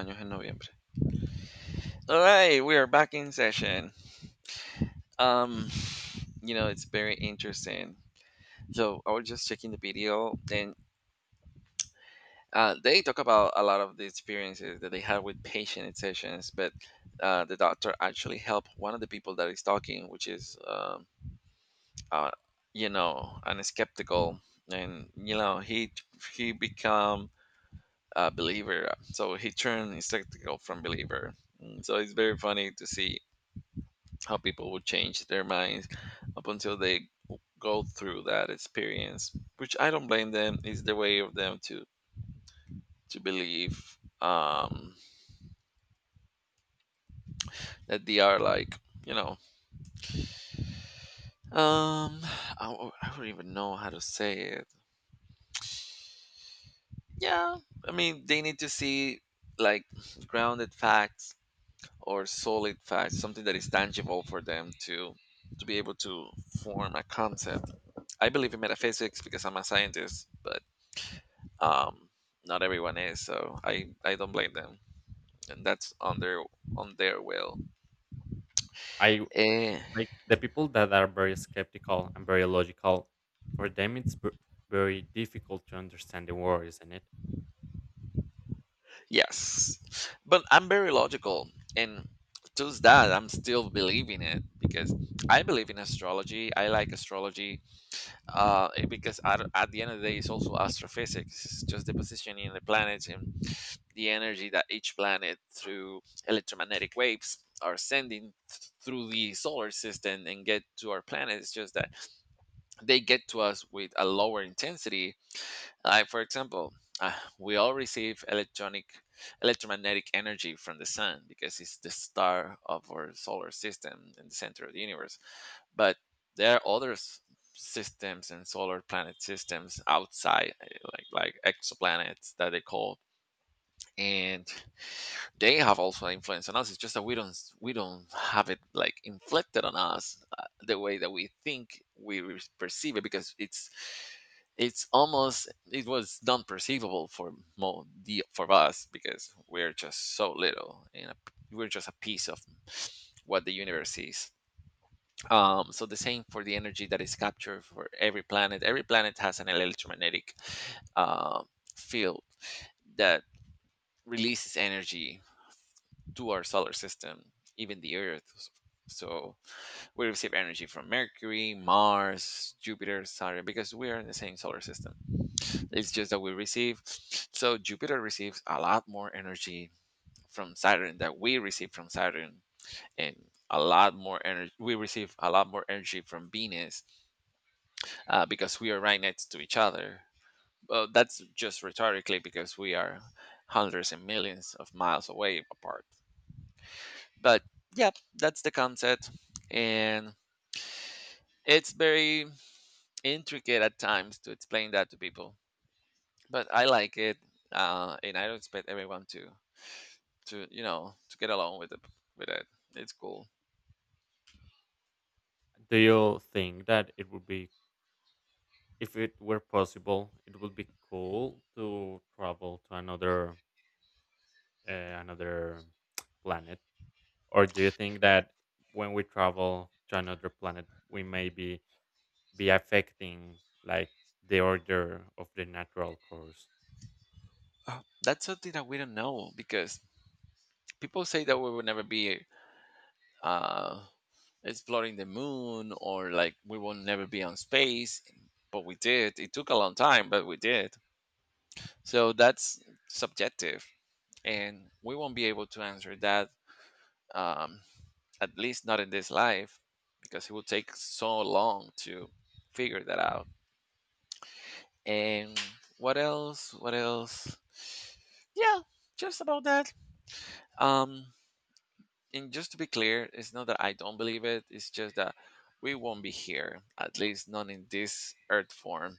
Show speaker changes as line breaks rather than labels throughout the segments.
Años en noviembre. All right, we are back in session. Um, it's very interesting. So I was just checking the video, and they talk about a lot of the experiences that they had with patient in sessions. But the doctor actually helped one of the people that is talking, which is, uh, an skeptical, and he become a believer. So he turned skeptical from believer. So it's very funny to see how people would change their minds up until they go through that experience, which I don't blame them. It's the way of them to believe that they are like, you know um I don't even know how to say it. Yeah, I mean they need to see, like, grounded facts or solid facts, something that is tangible for them to be able to form a concept. I believe in metaphysics because I'm a scientist, but um, not everyone is, so I don't blame them, and that's on their will.
I
Eh,
like the people that are very skeptical and very logical. For them, very difficult to understand the war, isn't it?
yes, but I'm very logical, and to that I'm still believing it because I believe in astrology. I like astrology. Because at the end of the day, it's also astrophysics. It's just the positioning of the planets and the energy that each planet through electromagnetic waves are sending through the solar system and get to our planet. It's just that they get to us with a lower intensity. Like for example, uh, we all receive electronic electromagnetic energy from the sun because it's the star of our solar system in the center of the universe. But there are other systems and solar planet systems outside, like exoplanets that they call, and they have also influence on us. It's just that we don't have it like inflicted on us, the way that we think we perceive it, because it's almost it was non perceivable for mo the for us because we're just so little and we're just a piece of what the universe is. So the same for the energy that is captured for every planet. Every planet has an electromagnetic uh, field that releases energy to our solar system, even the Earth. So we receive energy from Mercury, Mars, Jupiter, Saturn, because we are in the same solar system. It's just that we receive. So Jupiter receives a lot more energy from Saturn that we receive from Saturn, and a lot more energy. We receive a lot more energy from Venus, because we are right next to each other. Well, that's just rhetorically because we are hundreds and millions of miles away apart. But yeah, that's the concept, and it's very intricate at times to explain that to people. But I like it, and I don't expect everyone to to get along with it. With it, it's cool.
Do you think that it would be, if it were possible, it would be cool to travel to another uh, another planet, or do you think that when we travel to another planet, we may be affecting like the order of the natural course?
That's something that we don't know because people say that we will never be uh, exploring the moon, or like we will never be on space, but we did. It took a long time, but we did. So that's subjective, and we won't be able to answer that, um, at least not in this life, because it would take so long to figure that out. And what else? Yeah, just about that. um and just to be clear, it's not that I don't believe it. It's just that we won't be here, at least not in this earth form,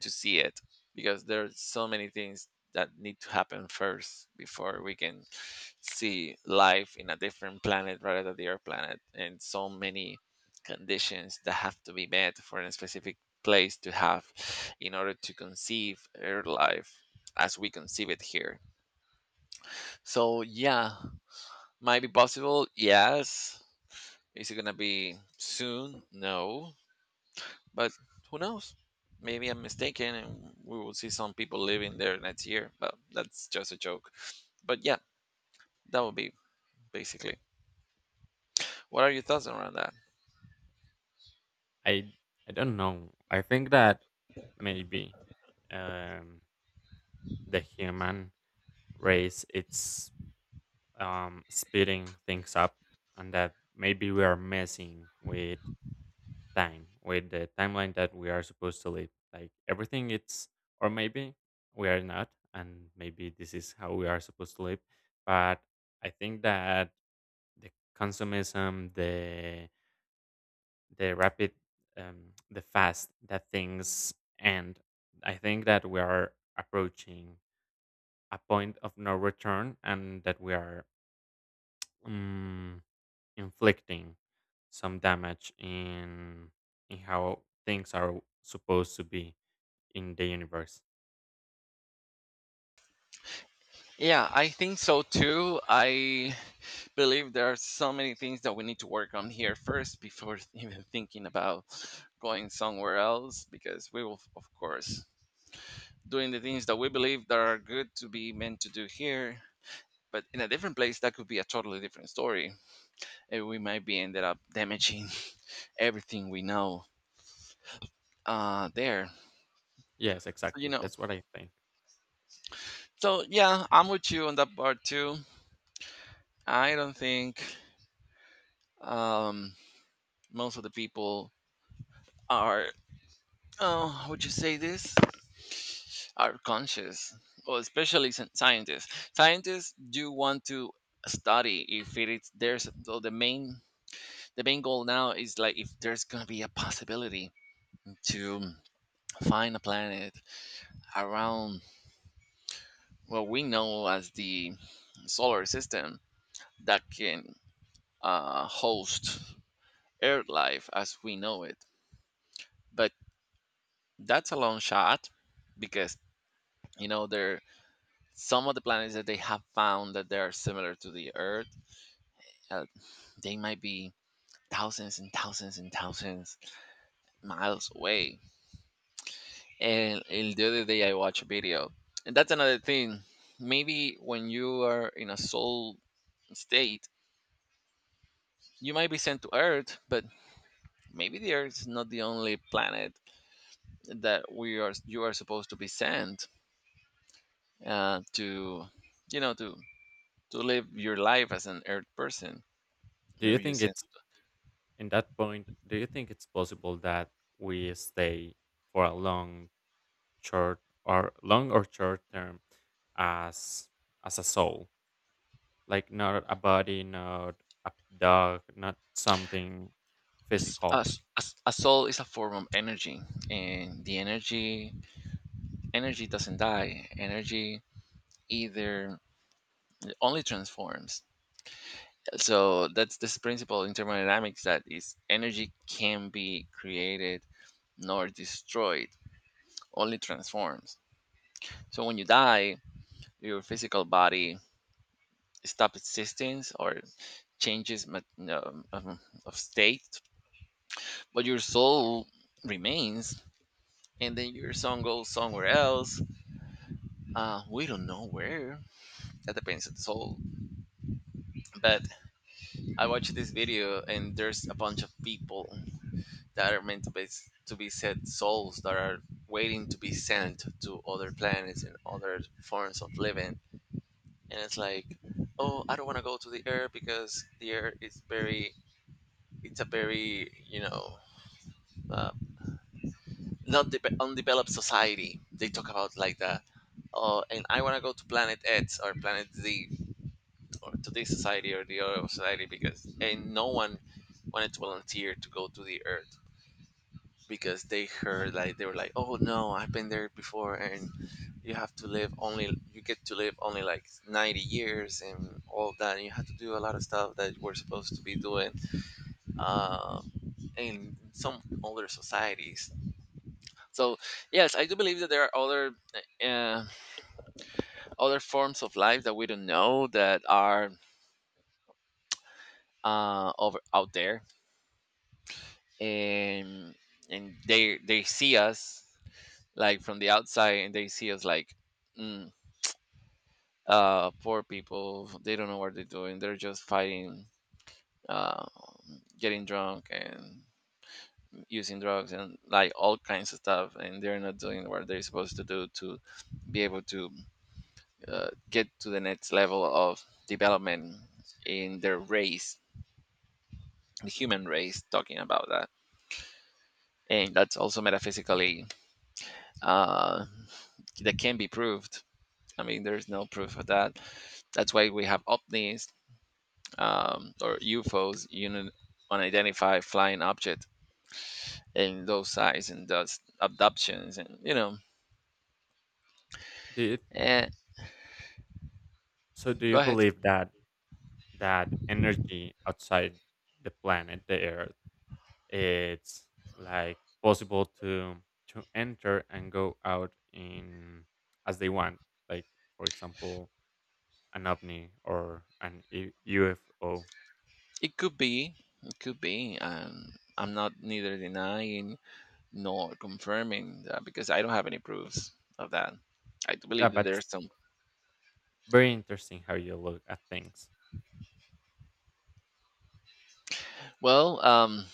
to see it, because there are so many things that need to happen first before we can see life in a different planet rather than the earth planet, and so many conditions that have to be met for a specific place to have in order to conceive earth life as we conceive it here. So yeah, might be possible. Yes. Is it gonna be soon? No, but who knows? Maybe I'm mistaken, and we will see some people living there next year. But that's just a joke. But yeah, that would be basically. What are your thoughts around that?
I I don't know. I think that maybe um, the human race it's speeding things up, and that maybe we are messing with time, with the timeline that we are supposed to live. Like everything, it's or maybe we are not, and maybe this is how we are supposed to live. But I think that the consumism, the rapid the fast that things end. I think that we are approaching a point of no return and that we are um, inflicting some damage in how things are supposed to be in the universe.
Yeah, I think so too. I believe there are so many things that we need to work on here first before even thinking about going somewhere else, because we will of course doing the things that we believe that are good to be meant to do here, but in a different place that could be a totally different story, and we might be ended up damaging everything we know. There
Yes,
so you
exactly,
know
that's what I think.
so yeah, I'm with you on that part too. I don't think, um most of the people are, oh would you say this, are conscious. Or, especially scientists, scientists do want to study if it is. There's so the main, the main goal now is like if there's gonna be a possibility to find a planet around what we know as the solar system that can host Earth life as we know it. But that's a long shot because, you know, there some of the planets that they have found that they are similar to the Earth, uh, they might be thousands and thousands and thousands miles away. And the other day I watched a video, and that's another thing. Maybe when you are in a soul state, you might be sent to Earth, but maybe the Earth is not the only planet that we are. You are supposed to be sent to, you know, to live your life as an Earth person.
Do you
Maybe you
think
sent
it's in that point, do you think it's possible that we stay for a long short or long or short term as as a soul, like not a body, not a dog, not something physical?
a soul is a form of energy, and the energy energy doesn't die. Energy either only transforms. So that's this principle in thermodynamics that is energy can be created nor destroyed, only transforms. So when you die, your physical body stops existing or changes of state, but your soul remains, and then your soul goes somewhere else. We don't know where. That depends on the soul. But I watched this video, and there's a bunch of people that are meant to be, to be said souls that are waiting to be sent to other planets and other forms of living. And it's like, oh, I don't want to go to the air because the air is very, it's a very, uh, not undeveloped society, they talk about like that. Oh, and I want to go to planet X or planet Z, or to this society or the other society, because, and no one wanted to volunteer to go to the earth because they heard, like they were like, "Oh no, I've been there before, and you have to live only, you get to live only like 90 years and all of that. And you have to do a lot of stuff that we're supposed to be doing, uh, in some older societies." So yes, I do believe that there are other, uh, other forms of life that we don't know that are over out there, and they see us like from the outside, and they see us like, mm, poor people, they don't know what they're doing. They're just fighting, uh getting drunk and using drugs, and like all kinds of stuff, and they're not doing what they're supposed to do to be able to get to the next level of development in their race, the human race, talking about that. And that's also metaphysically, uh that can be proved. I mean, there's no proof of that. That's why we have ovnis, or UFOs, unidentified flying object, and those size and those abductions, and you know,
do you,
eh,
so do
go
you
ahead.
believe that that energy outside the planet the earth it's like possible to enter and go out in as they want, like for example an ovni or an ufo?
It could be, it could be. I'm not neither denying nor confirming that because I don't have any proofs of that. I do
Yeah,
believe that
but
there's some.
very interesting how you look at things.
Well,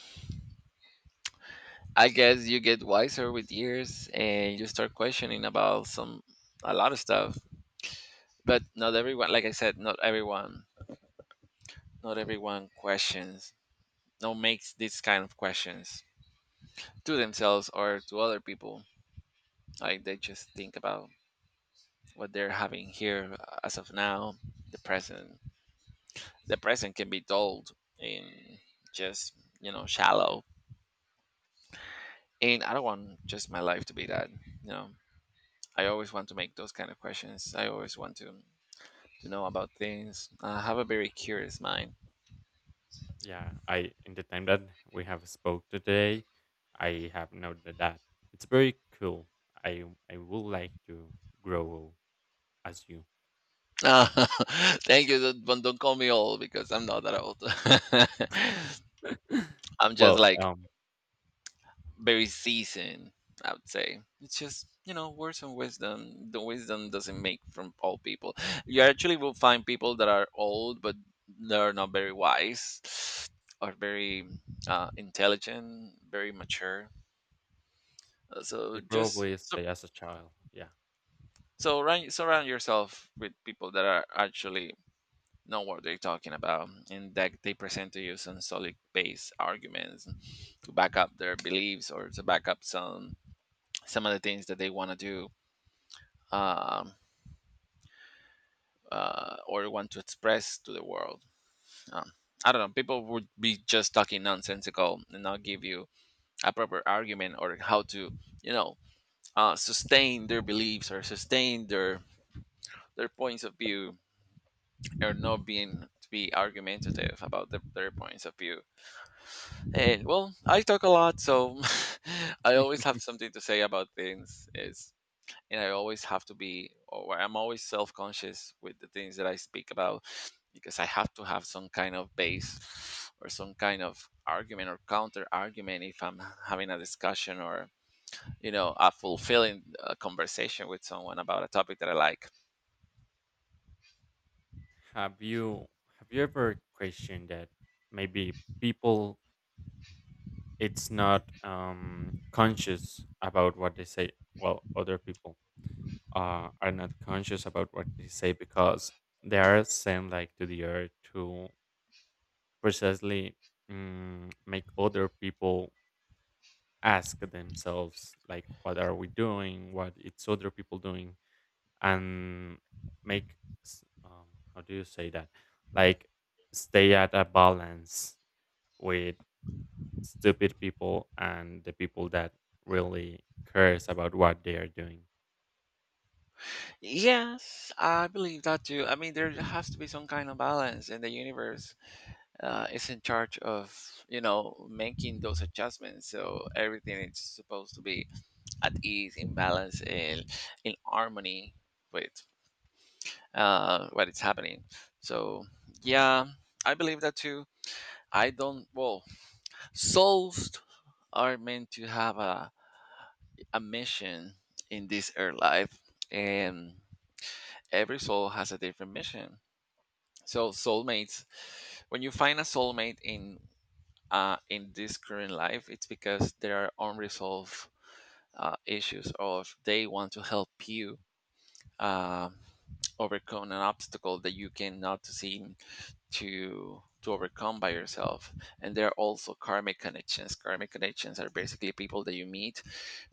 I guess you get wiser with years and you start questioning about some, a lot of stuff. But not everyone, like I said, not everyone, not everyone questions. No, makes these kind of questions to themselves or to other people. Like they just think about what they're having here as of now, the present. The present can be dulled and just, you know, shallow. And I don't want just my life to be that, you know. I always want to make those kind of questions. I always want to know about things. I have a very curious mind.
Yeah, I in the time that we have spoke today, I have noted that it's very cool. I I would like to grow as you.
Uh, Thank you. Don't call me old because I'm not that old. I'm just
Well,
like very seasoned, I would say. It's just, you know, words and wisdom. The wisdom doesn't make from all people. You actually will find people that are old, but they're not very wise or very intelligent, very mature. Uh, So
they
just
probably
so,
stay as a child. Yeah.
surround, surround yourself with people that are actually know what they're talking about and that they present to you some solid base arguments to back up their beliefs or to back up some of the things that they want to do um, or want to express to the world. Um, I don't know. People would be just talking nonsensical and not give you a proper argument or how to, you know, sustain their beliefs or sustain their points of view, or not being to be argumentative about their points of view. And well, I talk a lot, so I always have something to say about things. It's and I always have to be, or I'm always self conscious with the things that I speak about, because I have to have some kind of base or some kind of argument or counter argument if I'm having a discussion or, you know, a fulfilling conversation with someone about a topic that I like.
Have you have you ever questioned that maybe people it's not conscious about what they say? Well, other people are not conscious about what they say because they are sent like to the earth to precisely make other people ask themselves like what are we doing, what it's other people doing, and make s- um, how do you say that, like stay at a balance with stupid people and the people that really cares about what they are doing.
Yes, I believe that too. I mean, there has to be some kind of balance, and the universe is in charge of, you know, making those adjustments. So everything is supposed to be at ease, in balance, in harmony with what is happening. So yeah, I believe that too. I don't. Well, souls are meant to have a mission in this earth life, and every soul has a different mission. So soulmates, when you find a soulmate in this current life, it's because there are unresolved issues, or if they want to help you uh, overcome an obstacle that you cannot seem to overcome by yourself. And there are also karmic connections. Karmic connections are basically people that you meet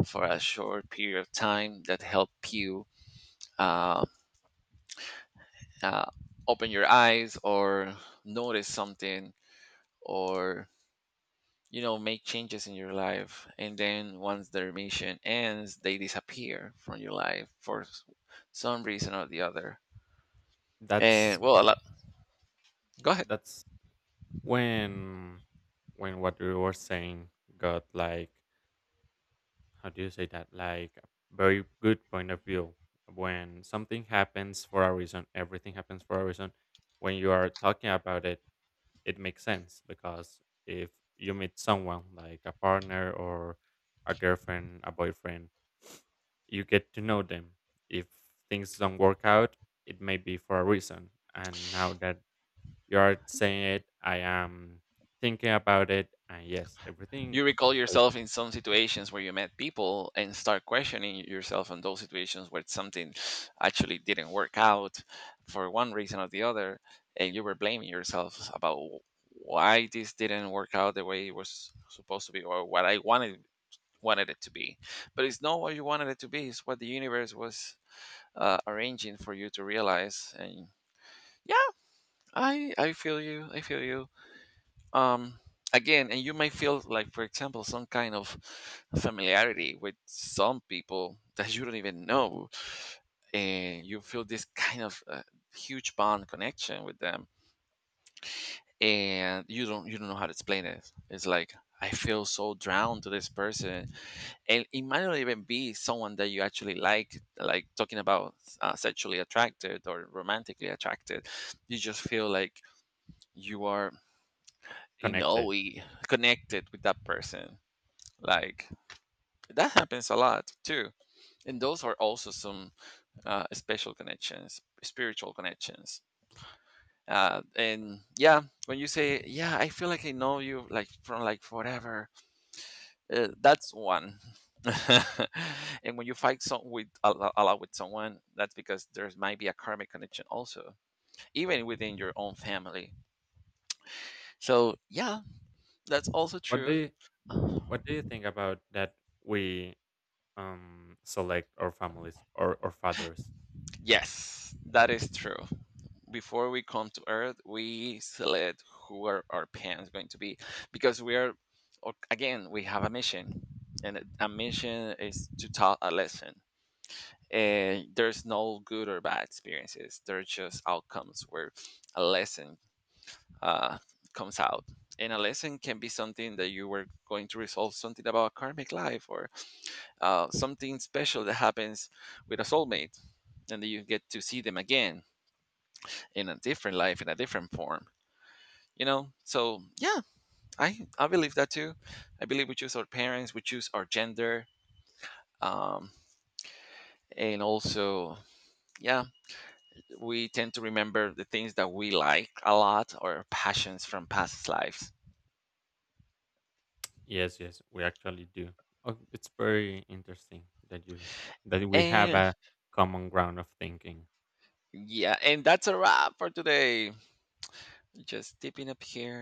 for a short period of time that help you uh, uh, open your eyes or notice something, or, you know, make changes in your life, and then once their mission ends they disappear from your life for some reason or the other.
that's
And well, a lot, go ahead.
that's when what you were saying got like, how do you say that, like a very good point of view. When something happens for a reason, everything happens for a reason. When you are talking about it, it makes sense because if you meet someone like a partner or a girlfriend, a boyfriend, you get to know them. If things don't work out, it may be for a reason, and now that you are saying it, I am thinking about it, and yes, everything
You recall
like
yourself in some situations where you met people and start questioning yourself in those situations where something actually didn't work out for one reason or the other, and you were blaming yourself about why this didn't work out the way it was supposed to be, or what I wanted it to be. But it's not what you wanted it to be, it's what the universe was arranging for you to realize. And yeah, I feel you, I feel you um Again, and you may feel like, for example, some kind of familiarity with some people that you don't even know, and you feel this kind of huge bond connection with them, and you don't know how to explain it. It's like, I feel so drowned to this person, and it might not even be someone that you actually like talking about sexually attracted or romantically attracted. You just feel like you are in a
connected.
way connected with that person, like that happens a lot too. And those are also some special connections, spiritual connections. And yeah, when you say, yeah, I feel like I know you like from like forever, that's one. And when you fight some with a lot with someone, that's because there might be a karmic connection also, even within your own family. So yeah, that's also
What do
true.
you what do you think about that? We select our families or our fathers.
Yes, that is true. Before we come to Earth, we select who are our parents going to be, because we are, again, we have a mission, and a mission is to taught a lesson. And there's no good or bad experiences. They're just outcomes where a lesson uh, comes out. And a lesson can be something that you were going to resolve something about karmic life, or something special that happens with a soulmate, and then you get to see them again in a different life, in a different form, you know. So yeah, I believe that too. I believe we choose our parents, we choose our gender, um and also, yeah, we tend to remember the things that we like a lot or passions from past lives.
Yes, yes, we actually do. Oh, it's very interesting that you that we have
And
a common ground of thinking.
yeah, and that's a wrap for today. Just dipping up here.